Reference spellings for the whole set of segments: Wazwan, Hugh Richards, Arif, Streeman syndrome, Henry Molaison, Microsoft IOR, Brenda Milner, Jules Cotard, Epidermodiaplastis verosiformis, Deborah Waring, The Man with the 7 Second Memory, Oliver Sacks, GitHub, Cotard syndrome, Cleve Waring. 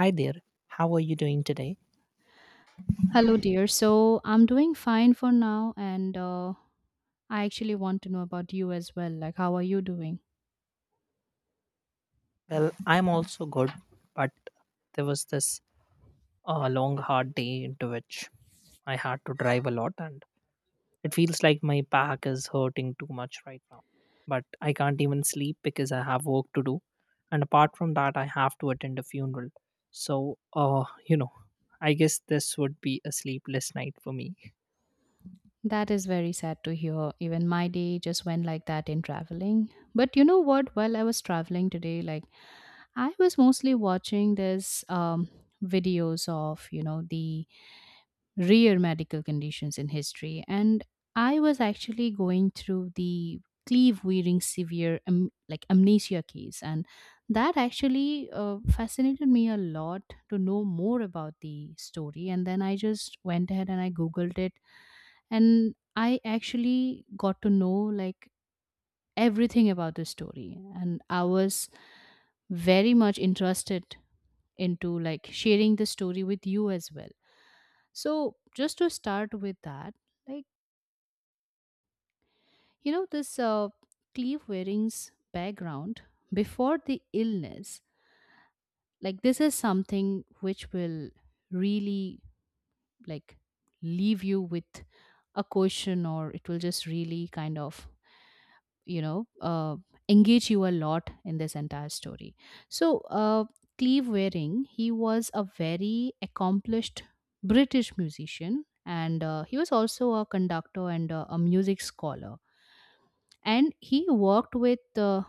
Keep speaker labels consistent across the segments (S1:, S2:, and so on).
S1: Hi there. How are you doing today?
S2: Hello, dear. I'm doing fine for now, and I actually want to know about you as well. Like, how are you doing?
S1: Well, I'm also good, but there was this long, hard day into which I had to drive a lot, and it feels like my back is hurting too much right now. But I can't even sleep because I have work to do. And apart from that, I have to attend a funeral. So, you know, I guess this would be a sleepless night for me.
S2: That is very sad to hear. Even my day just went like that in traveling. But you know what? While I was traveling today, like, I was mostly watching this videos of, you know, the rare medical conditions in history. And I was actually going through the cleave wearing severe like amnesia case, and that actually fascinated me a lot to know more about the story. And then I just went ahead and I googled it, and I actually got to know like everything about the story, and I was very much interested into like sharing the story with you as well. So just to start with that like You know, this Cleve Waring's background before the illness, like this is something which will really like leave you with a question, or it will just really kind of, you know, uh, engage you a lot in this entire story. So, Cleve Waring, he was a very accomplished British musician, and he was also a conductor, and a music scholar, and he worked with uh,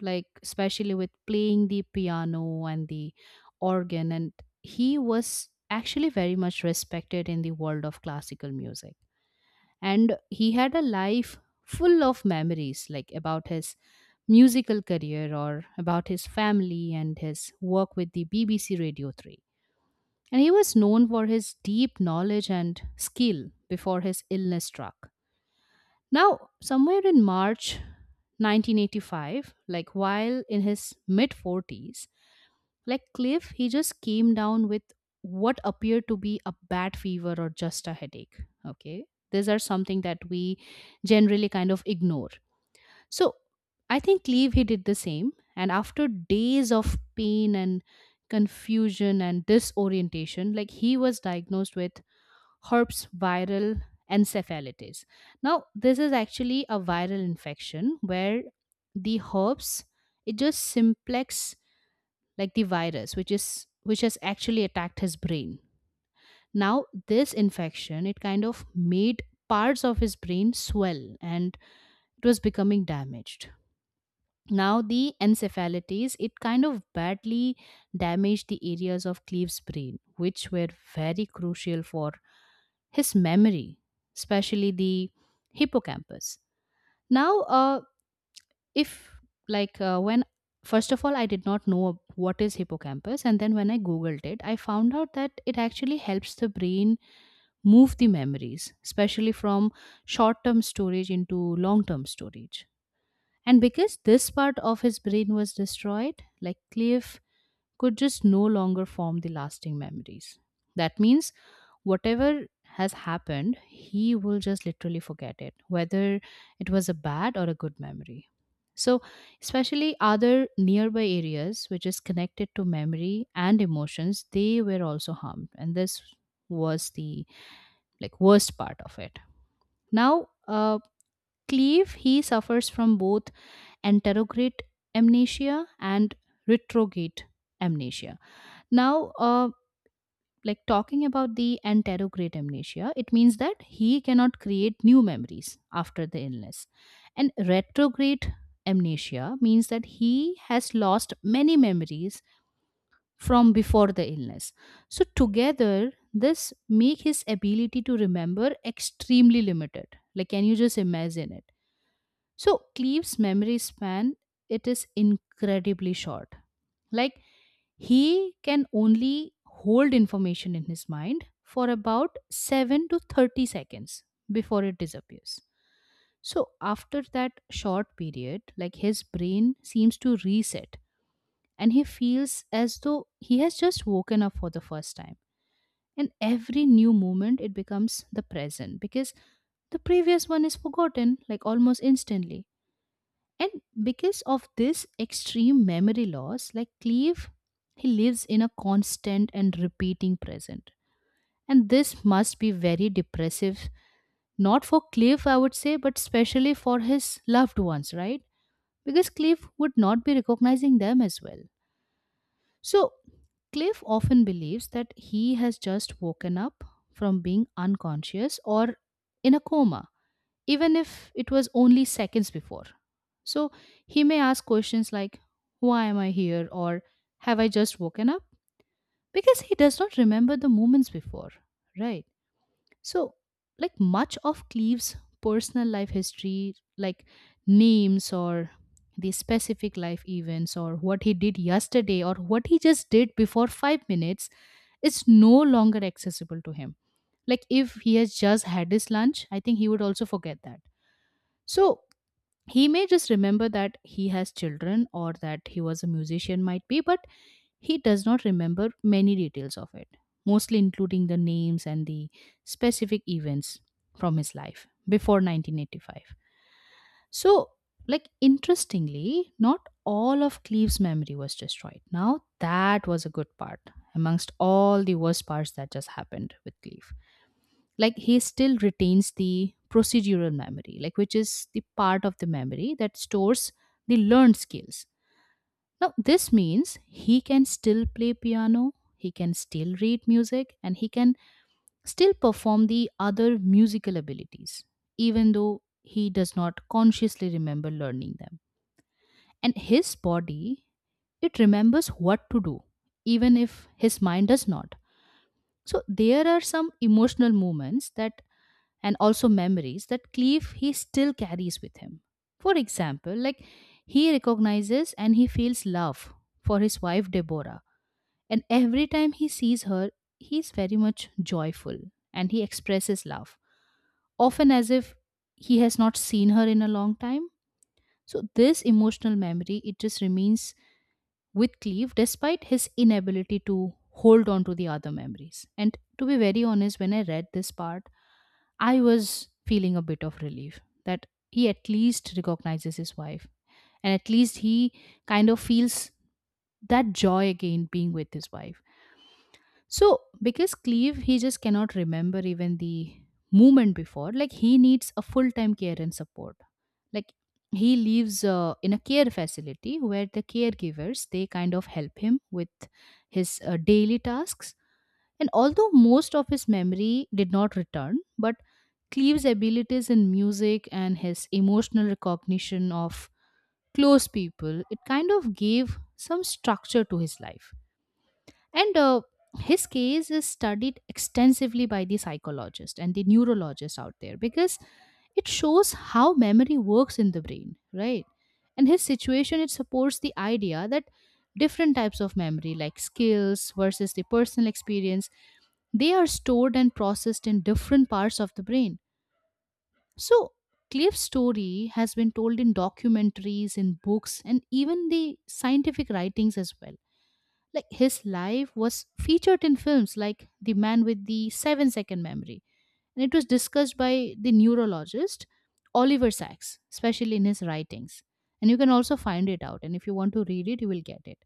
S2: like especially with playing the piano and the organ, and he was actually very much respected in the world of classical music, and he had a life full of memories like about his musical career, or about his family and his work with the BBC Radio 3. And he was known for his deep knowledge and skill before his illness struck. Now somewhere in March 1985, like while in his mid 40s, like Cliff, he just came down with what appeared to be a bad fever or just a headache. Okay. These are something that we generally kind of ignore. So I think Cleve, he did the same. And after days of pain and confusion and disorientation, like he was diagnosed with herpes viral encephalitis. Now, this is actually a viral infection where the herpes, it just simplex like the virus which is which has actually attacked his brain. Now this infection, it kind of made parts of his brain swell, and it was becoming damaged. Now the encephalitis, it kind of badly damaged the areas of Cleve's brain which were very crucial for his memory, especially the hippocampus. Now uh, if like uh, when first of all, I did not know what is hippocampus, and then when I googled it, I found out that it actually helps the brain move the memories, especially from short term storage into long term storage. And because this part of his brain was destroyed, like Cliff could just no longer form the lasting memories. That means whatever has happened, he will just literally forget it, whether it was a bad or a good memory. So, especially other nearby areas which is connected to memory and emotions, they were also harmed. And this was the like worst part of it. Now, Cleve, he suffers from both anterograde amnesia and retrograde amnesia. Now, talking about the anterograde amnesia, it means that he cannot create new memories after the illness. And retrograde amnesia means that he has lost many memories from before the illness. So together, this make his ability to remember extremely limited. Like, can you just imagine it? So Cleve's memory span, it is incredibly short. Like he can only hold information in his mind for about 7 to 30 seconds before it disappears. So after that short period, like his brain seems to reset, and he feels as though he has just woken up for the first time. And every new moment, it becomes the present, because the previous one is forgotten, like almost instantly. And because of this extreme memory loss, like Cleve, he lives in a constant and repeating present. And this must be very depressive, not for Cliff, I would say, but especially for his loved ones, right? Because Cliff would not be recognizing them as well. So, Cliff often believes that he has just woken up from being unconscious or in a coma, even if it was only seconds before. So he may ask questions like, why am I here? Or have I just woken up? Because he does not remember the moments before, right? So, like much of Cleve's personal life history, like names, or the specific life events, or what he did yesterday, or what he just did before 5 minutes, is no longer accessible to him. Like if he has just had his lunch, I think he would also forget that. So he may just remember that he has children, or that he was a musician might be, but he does not remember many details of it, mostly including the names and the specific events from his life before 1985. So, like interestingly, not all of Cleve's memory was destroyed. Now that was a good part amongst all the worst parts that just happened with Cleve. Like he still retains the procedural memory, like which is the part of the memory that stores the learned skills. Now this means he can still play piano, he can still read music, and he can still perform the other musical abilities, even though he does not consciously remember learning them. And his body, it remembers what to do, even if his mind does not. So there are some emotional moments that and also memories that Cleve he still carries with him. For example, like he recognizes and he feels love for his wife Deborah, and every time he sees her, he's very much joyful and he expresses love, often as if he has not seen her in a long time. So this emotional memory, it just remains with Cleve despite his inability to hold on to the other memories. And to be very honest, when I read this part, I was feeling a bit of relief that he at least recognizes his wife, and at least he kind of feels that joy again being with his wife. So, because Cleve, he just cannot remember even the moment before, like he needs a full time care and support. Like he lives in a care facility where the caregivers they kind of help him with his daily tasks. And although most of his memory did not return, but Cleve's abilities in music and his emotional recognition of close people, it kind of gave some structure to his life. And his case is studied extensively by the psychologists and the neurologists out there, because it shows how memory works in the brain, right? And his situation, it supports the idea that different types of memory, like skills versus the personal experience, they are stored and processed in different parts of the brain. So, Cliff's story has been told in documentaries, in books, and even the scientific writings as well. Like his life was featured in films like The Man with the 7 Second Memory, and it was discussed by the neurologist Oliver Sacks, especially in his writings. And you can also find it out. And if you want to read it, you will get it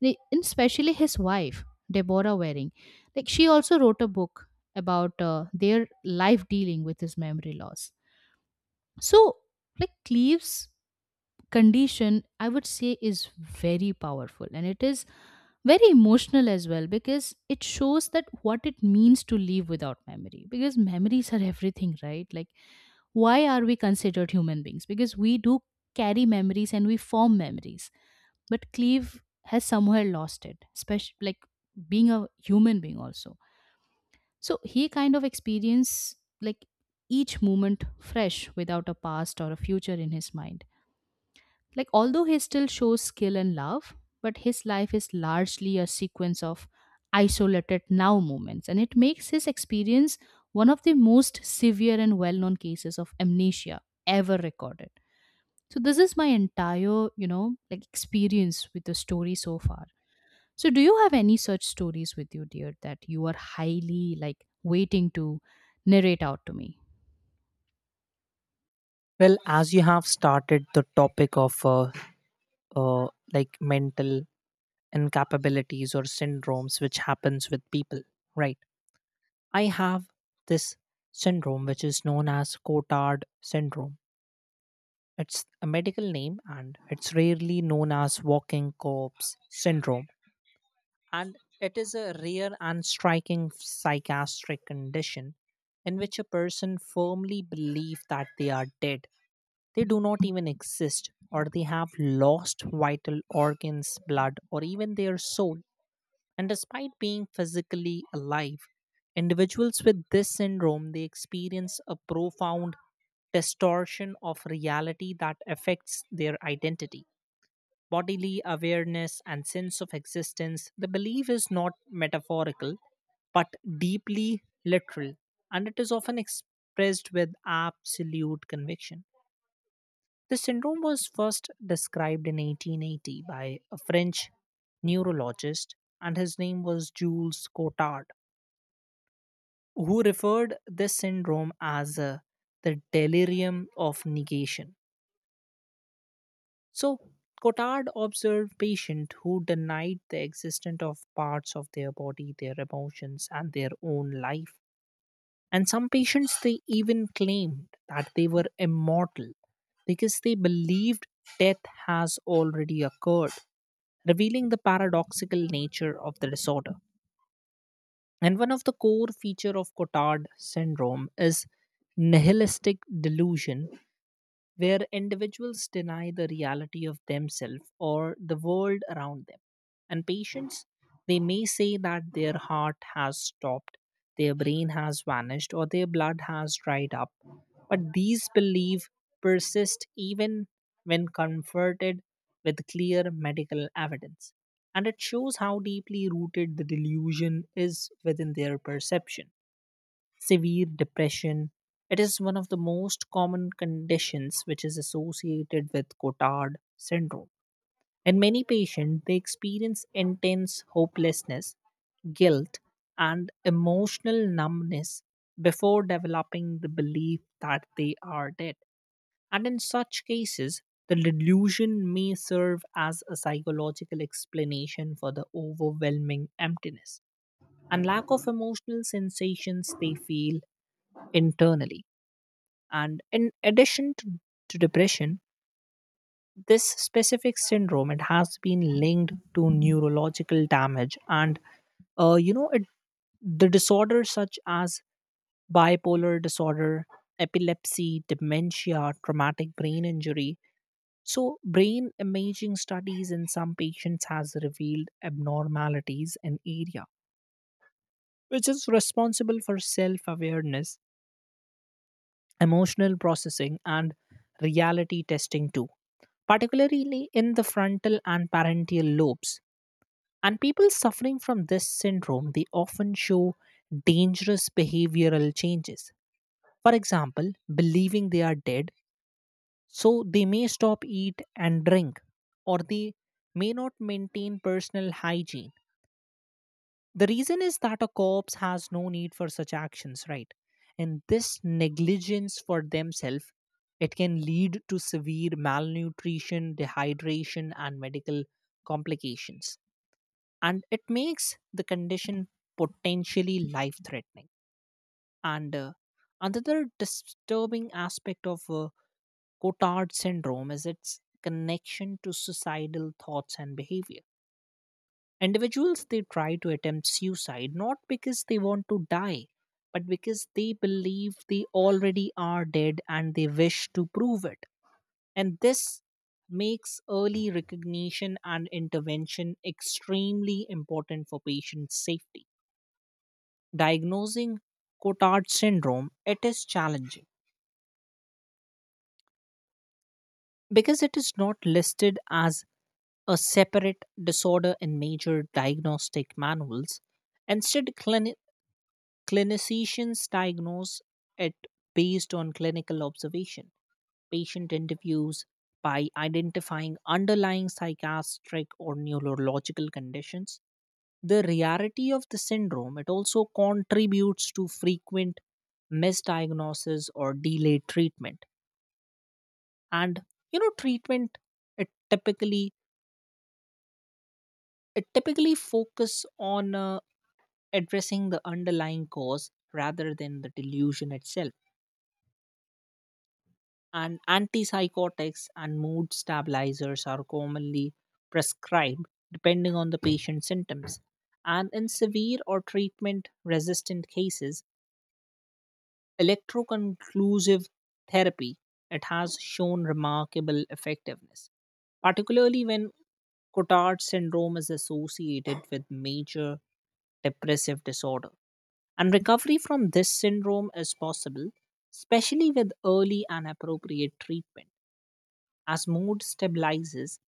S2: and especially his wife Deborah Waring, like she also wrote a book about their life dealing with his memory loss. So like Cleve's condition I would say is very powerful and it is very emotional as well, because it shows that what it means to live without memory. Because memories are everything, right? Like why are we considered human beings? Because we do carry memories and we form memories, but Cleve has somewhere lost it, especially like being a human being also. So he kind of experience like each moment fresh without a past or a future in his mind. Like, although he still shows skill and love, but his life is largely a sequence of isolated now moments, and it makes his experience one of the most severe and well known cases of amnesia ever recorded. So, this is my entire, you know, like experience with the story so far. So, do you have any such stories with you, dear, that you are highly like waiting to narrate out to me?
S1: Well, as you have started the topic of uh, like mental incapabilities or syndromes, which happens with people, right? I have this syndrome which is known as Cotard syndrome. It's a medical name, and it's rarely known as walking corpse syndrome. And it is a rare and striking psychiatric condition in which a person firmly believes that they are dead. They do not even exist, or they have lost vital organs, blood, or even their soul. And despite being physically alive, individuals with this syndrome they experience a profound distortion of reality that affects their identity, bodily awareness, and sense of existence. The belief is not metaphorical, but deeply literal, and it is often expressed with absolute conviction. The syndrome was first described in 1880 by a French neurologist, and his name was Jules Cotard, who referred this syndrome as the delirium of negation. So Cotard observed patients who denied the existence of parts of their body, their emotions, and their own life. And some patients, they even claimed that they were immortal because they believed death has already occurred, revealing the paradoxical nature of the disorder. And one of the core feature of Cotard syndrome is nihilistic delusion, where individuals deny the reality of themselves or the world around them. And patients, they may say that their heart has stopped, their brain has vanished, or their blood has dried up. But these beliefs persist even when comforted with clear medical evidence. And it shows how deeply rooted the delusion is within their perception. Severe depression, it is one of the most common conditions which is associated with Cotard syndrome. In many patients, they experience intense hopelessness, guilt, and emotional numbness before developing the belief that they are dead. And in such cases, the delusion may serve as a psychological explanation for the overwhelming emptiness and lack of emotional sensations they feel internally. And in addition to depression, this specific syndrome it has been linked to neurological damage, and you know it, the disorders such as bipolar disorder, epilepsy, dementia, traumatic brain injury. So brain imaging studies in some patients has revealed abnormalities in area which is responsible for self awareness, emotional processing, and reality testing too, particularly in the frontal and parental lobes. And people suffering from this syndrome, they often show dangerous behavioral changes. For example, believing they are dead, so they may stop eat and drink, or they may not maintain personal hygiene. The reason is that a corpse has no need for such actions, right? And this negligence for themselves, it can lead to severe malnutrition, dehydration, and medical complications. And it makes the condition potentially life-threatening. And another disturbing aspect of Cotard syndrome is its connection to suicidal thoughts and behavior. Individuals they try to attempt suicide not because they want to die, but because they believe they already are dead and they wish to prove it. And this makes early recognition and intervention extremely important for patient safety. Diagnosing Cotard syndrome, it is challenging because it is not listed as a separate disorder in major diagnostic manuals. Instead, clinicians diagnose it based on clinical observation, patient interviews, by identifying underlying psychiatric or neurological conditions. The rarity of the syndrome it also contributes to frequent misdiagnosis or delayed treatment. And you know, treatment it typically it typically focus on addressing the underlying cause rather than the delusion itself, and antipsychotics and mood stabilizers are commonly prescribed depending on the patient's symptoms. And in severe or treatment resistant cases, electroconclusive therapy, it has shown remarkable effectiveness, particularly when Cotard syndrome is associated with major depressive disorder. And recovery from this syndrome is possible, especially with early and appropriate treatment. As mood stabilizes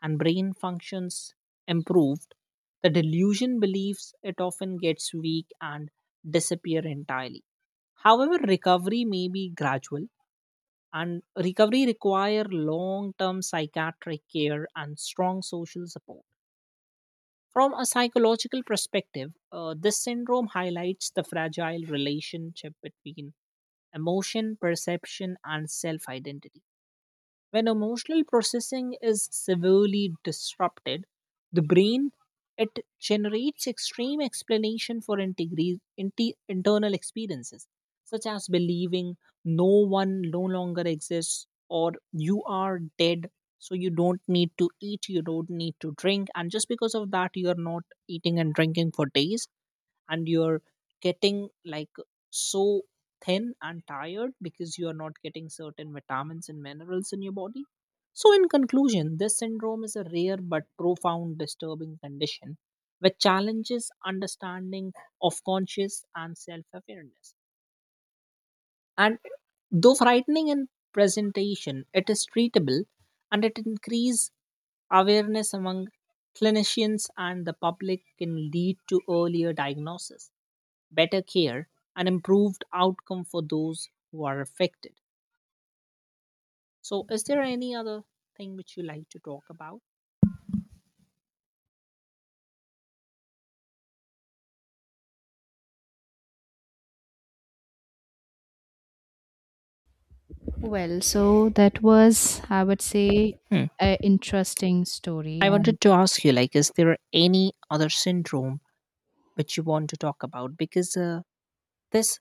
S1: and brain functions improved, the delusion believes it often gets weak and disappear entirely. However, recovery may be gradual, and recovery require long-term psychiatric care and strong social support. From a psychological perspective, this syndrome highlights the fragile relationship between emotion, perception, and self identity. When emotional processing is severely disrupted, the brain it generates extreme explanation for internal experiences, such as believing no one no longer exists or you are dead, so you don't need to eat, you don't need to drink, and just because of that, you are not eating and drinking for days, and you're getting like so thin and tired because you are not getting certain vitamins and minerals in your body. So, in conclusion, this syndrome is a rare but profound disturbing condition which challenges understanding of conscious and self awareness. And though frightening in presentation, it is treatable, and it increases awareness among clinicians and the public can lead to earlier diagnosis, better care, and improved outcome for those who are affected. So, is there any other thing which you like to talk about?
S2: Well, so that was, I would say,
S1: Hmm.
S2: an interesting story.
S1: I
S2: And
S1: wanted to ask you, like, is there any other syndrome which you want to talk about? Because this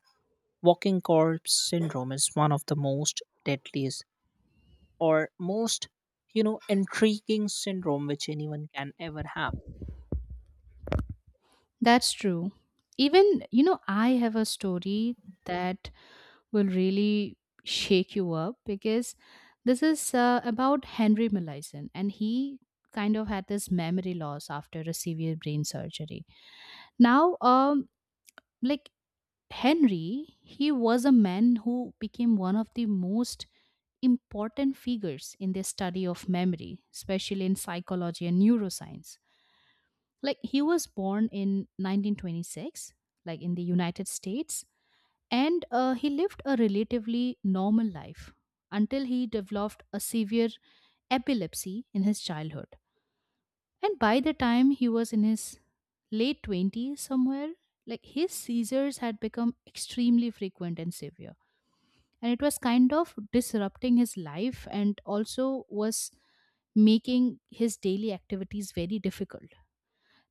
S1: walking corpse syndrome is one of the most deadliest or most, you know, intriguing syndrome which anyone can ever have.
S2: that's true. Even, you know, I have a story that will really shake you up, because this is about Henry Molaison, and he kind of had this memory loss after a severe brain surgery. Now, like Henry, he was a man who became one of the most important figures in the study of memory, especially in psychology and neuroscience. Like he was born in 1926, like in the United States, and he lived a relatively normal life until he developed a severe epilepsy in his childhood. And by the time he was in his late 20s, somewhere, like his seizures had become extremely frequent and severe. And it was kind of disrupting his life and also was making his daily activities very difficult.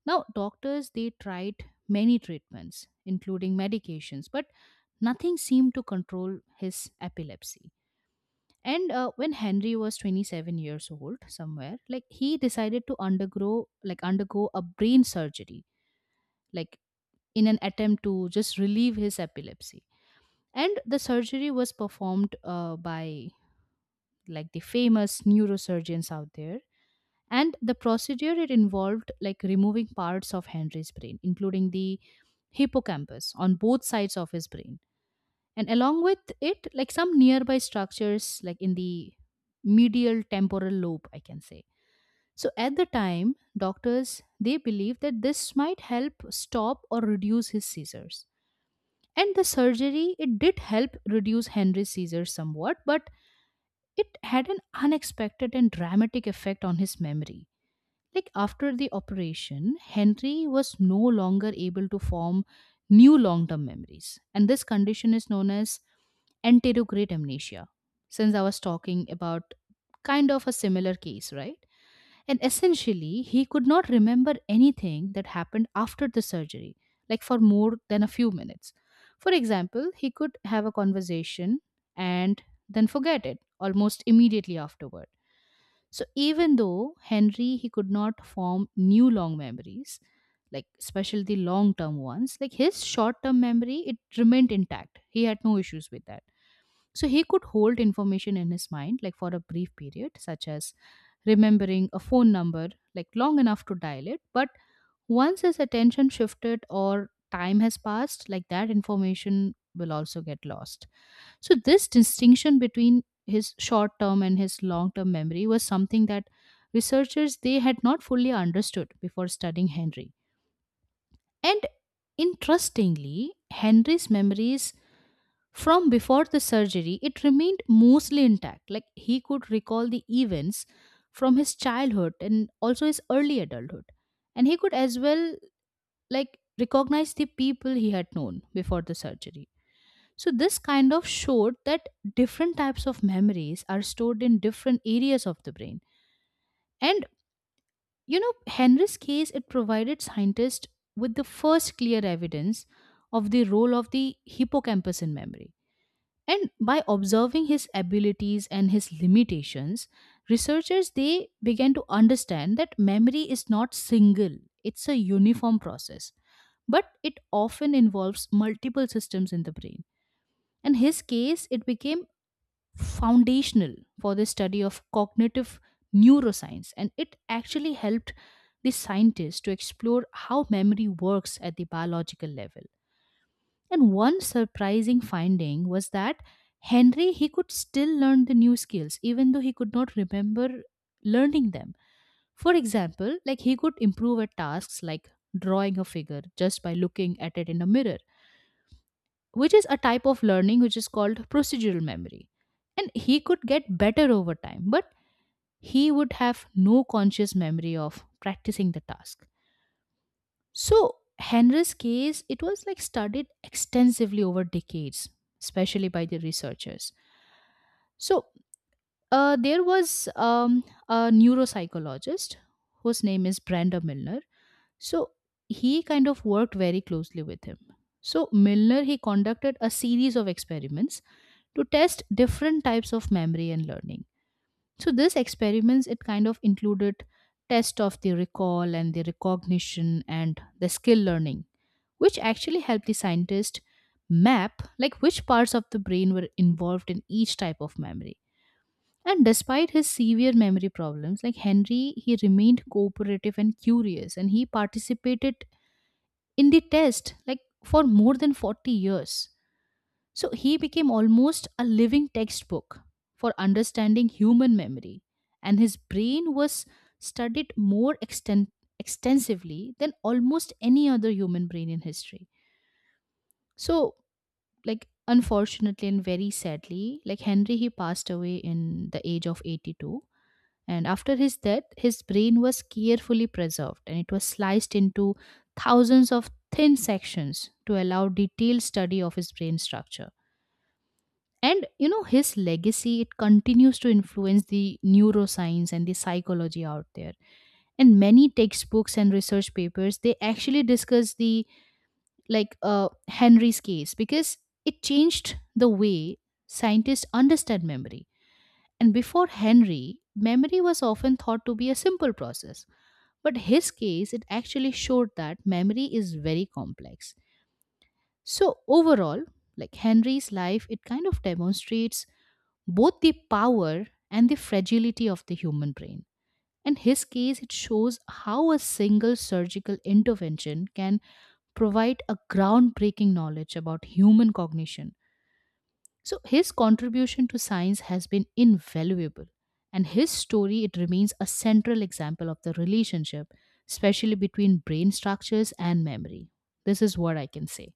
S2: Now, doctors they tried many treatments, including medications, but nothing seemed to control his epilepsy. And when Henry was 27 years old, somewhere like he decided to undergo a brain surgery, like in an attempt to just relieve his epilepsy. And the surgery was performed by like the famous neurosurgeons out there, and the procedure it involved like removing parts of henry's brain including the hippocampus on both sides of his brain, and along with it like some nearby structures like in the medial temporal lobe I can say. So at the time doctors they believed that this might help stop or reduce his seizures, and the surgery it did help reduce henry's seizures somewhat, but it had an unexpected and dramatic effect on his memory. Like after the operation, Henry was no longer able to form new long term memories. And this condition is known as anterograde amnesia, since I was talking about kind of a similar case, right? And essentially, he could not remember anything that happened after the surgery, like for more than a few minutes. For example, he could have a conversation and then forget it almost immediately afterward. So even though Henry he could not form new long memories, like especially the long term ones, like his short term memory it remained intact. He had no issues with that. So he could hold information in his mind like for a brief period, such as remembering a phone number like long enough to dial it, but once his attention shifted or time has passed, like that information will also get lost. So, this distinction between his short term and his long term memory was something that researchers they had not fully understood before studying Henry. And interestingly, Henry's memories from before the surgery it remained mostly intact. Like he could recall the events from his childhood and also his early adulthood. And he could as well like recognize the people he had known before the surgery. So this kind of showed that different types of memories are stored in different areas of the brain. And Henry's case it provided scientists with the first clear evidence of the role of the hippocampus in memory. And by observing his abilities and his limitations, researchers they began to understand that memory is not single, it's a uniform process, but it often involves multiple systems in the brain. In his case, it became foundational for the study of cognitive neuroscience, and it actually helped the scientists to explore how memory works at the biological level. And one surprising finding was that henry he could still learn the new skills even though he could not remember learning them. For example like he could improve at tasks like drawing a figure just by looking at it in a mirror, which is a type of learning which is called procedural memory. And he could get better over time, but he would have no conscious memory of practicing the task. So, Henry's case, it was like studied extensively over decades, especially by the researchers. So, there was a neuropsychologist whose name is Brenda Milner. So, he kind of worked very closely with him. So, Milner, he conducted a series of experiments to test different types of memory and learning. So this experiments it kind of included test of the recall and the recognition and the skill learning, which actually helped the scientist map like which parts of the brain were involved in each type of memory. And despite his severe memory problems, like Henry, he remained cooperative and curious, and he participated in the test like for more than 40 years. So he became almost a living textbook for understanding human memory, and his brain was studied more extensively than almost any other human brain in history. So, like, unfortunately and very sadly, like Henry, he passed away in the age of 82. And after his death, his brain was carefully preserved and it was sliced into thousands of thin sections to allow detailed study of his brain structure. And you know his legacy it continues to influence the neuroscience and the psychology out there, and many textbooks and research papers they actually discuss the henry's case because it changed the way scientists understand memory. And before henry memory was often thought to be a simple process, but his case it actually showed that memory is very complex. So overall like henry's life it kind of demonstrates both the power and the fragility of the human brain. In his case, it shows how a single surgical intervention can provide a groundbreaking knowledge about human cognition. So, his contribution to science has been invaluable. And his story, it remains a central example of the relationship, especially between brain structures and memory. This is what I can say.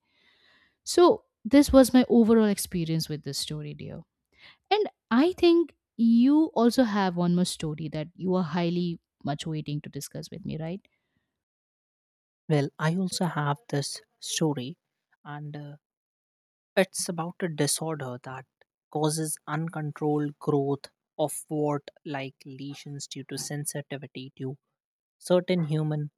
S2: So, this was my overall experience with this story, dear. And I think you also have one more story that you are highly much waiting to discuss with me, right?
S1: Well, I also have this story, and it's about a disorder that causes uncontrolled growth of what, like lesions due to sensitivity to certain human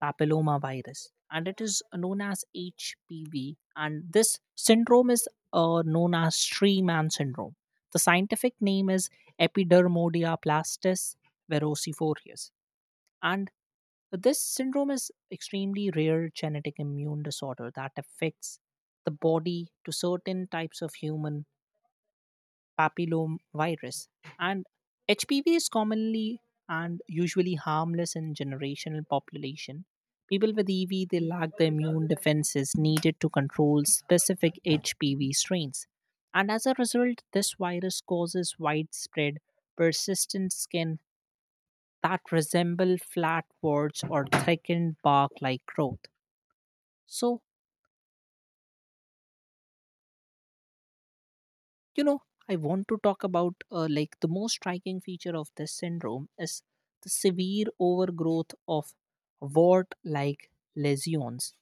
S1: papillomavirus, and it is known as HPV. And this syndrome is known as Streeman syndrome. The scientific name is Epidermodiaplastis verosiformis. And this syndrome is extremely rare genetic immune disorder that affects the body to certain types of human papillomavirus. And HPV is commonly and usually harmless in generational population. People with EV they lack the immune defenses needed to control specific HPV strains. And as a result, this virus causes widespread persistent skin that resemble flat words or thickened bark like growth. So, you know, I want to talk about like the most striking feature of this syndrome is the severe overgrowth of wart like lesions,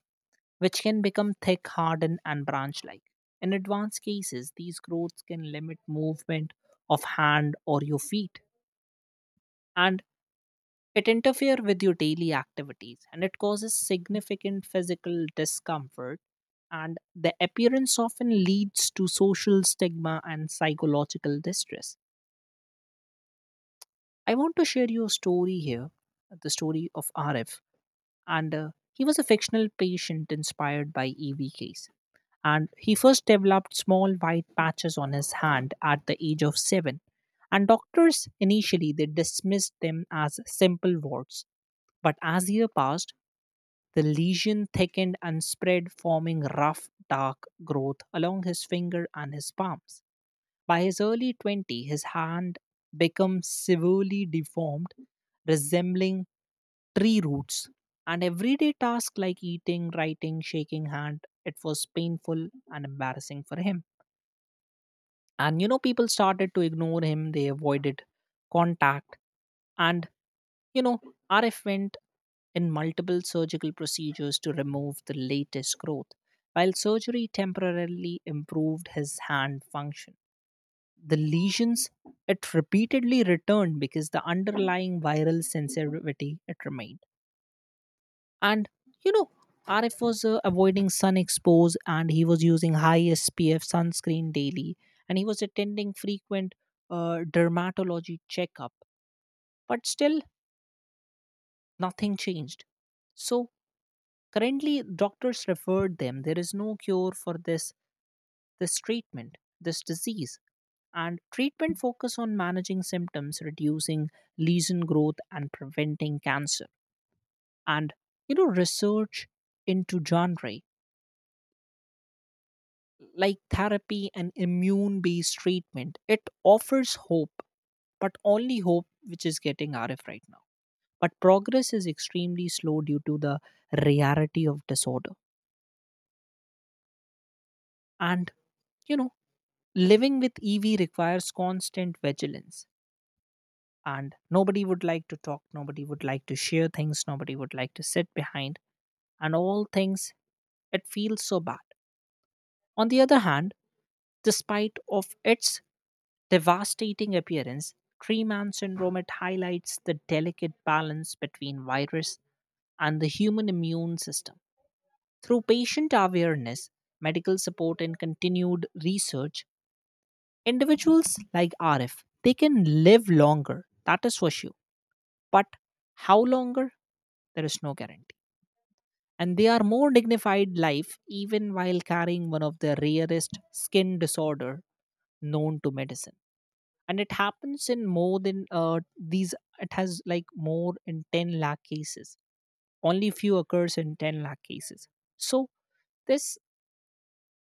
S1: which can become thick, hardened, and branch like. In advanced cases, these growths can limit movement of hand or your feet. And it interferes with your daily activities, and it causes significant physical discomfort. And the appearance often leads to social stigma and psychological distress. I want to share you a story here, the story of Arif. And he was a fictional patient inspired by EV case. And he first developed small white patches on his hand at the age of seven. And doctors initially they dismissed them as simple warts. But as year passed, the lesion thickened and spread, forming rough, dark growth along his finger and his palms. By his early 20s, his hand became severely deformed, resembling tree roots. And everyday tasks like eating, writing, shaking hand, it was painful and embarrassing for him. And you know, people started to ignore him, they avoided contact, and you know, RF went in multiple surgical procedures to remove the latest growth. While surgery temporarily improved his hand function, the lesions it repeatedly returned because the underlying viral sensitivity it remained. And you know, RF was avoiding sun expose, and he was using high SPF sunscreen daily, and he was attending frequent dermatology checkup. But still, nothing changed. So currently, doctors referred them. There is no cure for this treatment, this disease, and treatment focus on managing symptoms, reducing lesion growth, and preventing cancer. And you know, research into genre like therapy and immune-based treatment it offers hope, but only hope which is getting RF right now. But progress is extremely slow due to the rarity of disorder. And, you know, living with EV requires constant vigilance. And nobody would like to talk, nobody would like to share things, nobody would like to sit behind, and all things, it feels so bad. On the other hand, despite of its devastating appearance, tree man syndrome it highlights the delicate balance between virus and the human immune system. Through patient awareness, medical support, and continued research, individuals like Arif, they can live longer, that is for sure. But how longer? There is no guarantee. And they are more dignified life even while carrying one of the rarest skin disorder known to medicine. And it happens in more than these, it has like more in 10 lakh cases. Only few occurs in 10 lakh cases. So this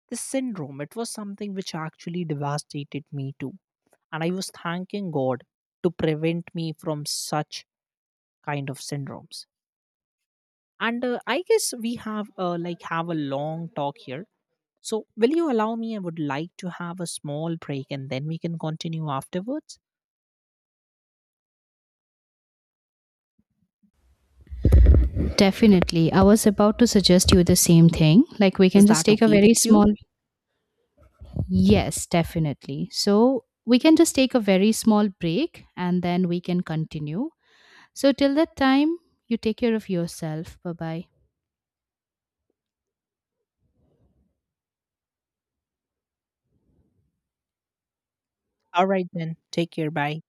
S1: this syndrome, it was something which actually devastated me too, and I was thanking god to prevent me from such kind of syndromes. And I guess we have like have a long talk here. So will you allow me, I would like to have a small break, and then we can continue afterwards.
S2: Definitely. I was about to suggest you the same thing. Like, we can
S1: Is
S2: just
S1: that
S2: take a
S1: okay
S2: very
S1: with
S2: small.
S1: you?
S2: Yes, definitely. So, we can just take a very small break and then we can continue. So, till that time, you take care of yourself. Bye bye.
S1: All right then, take care. Bye.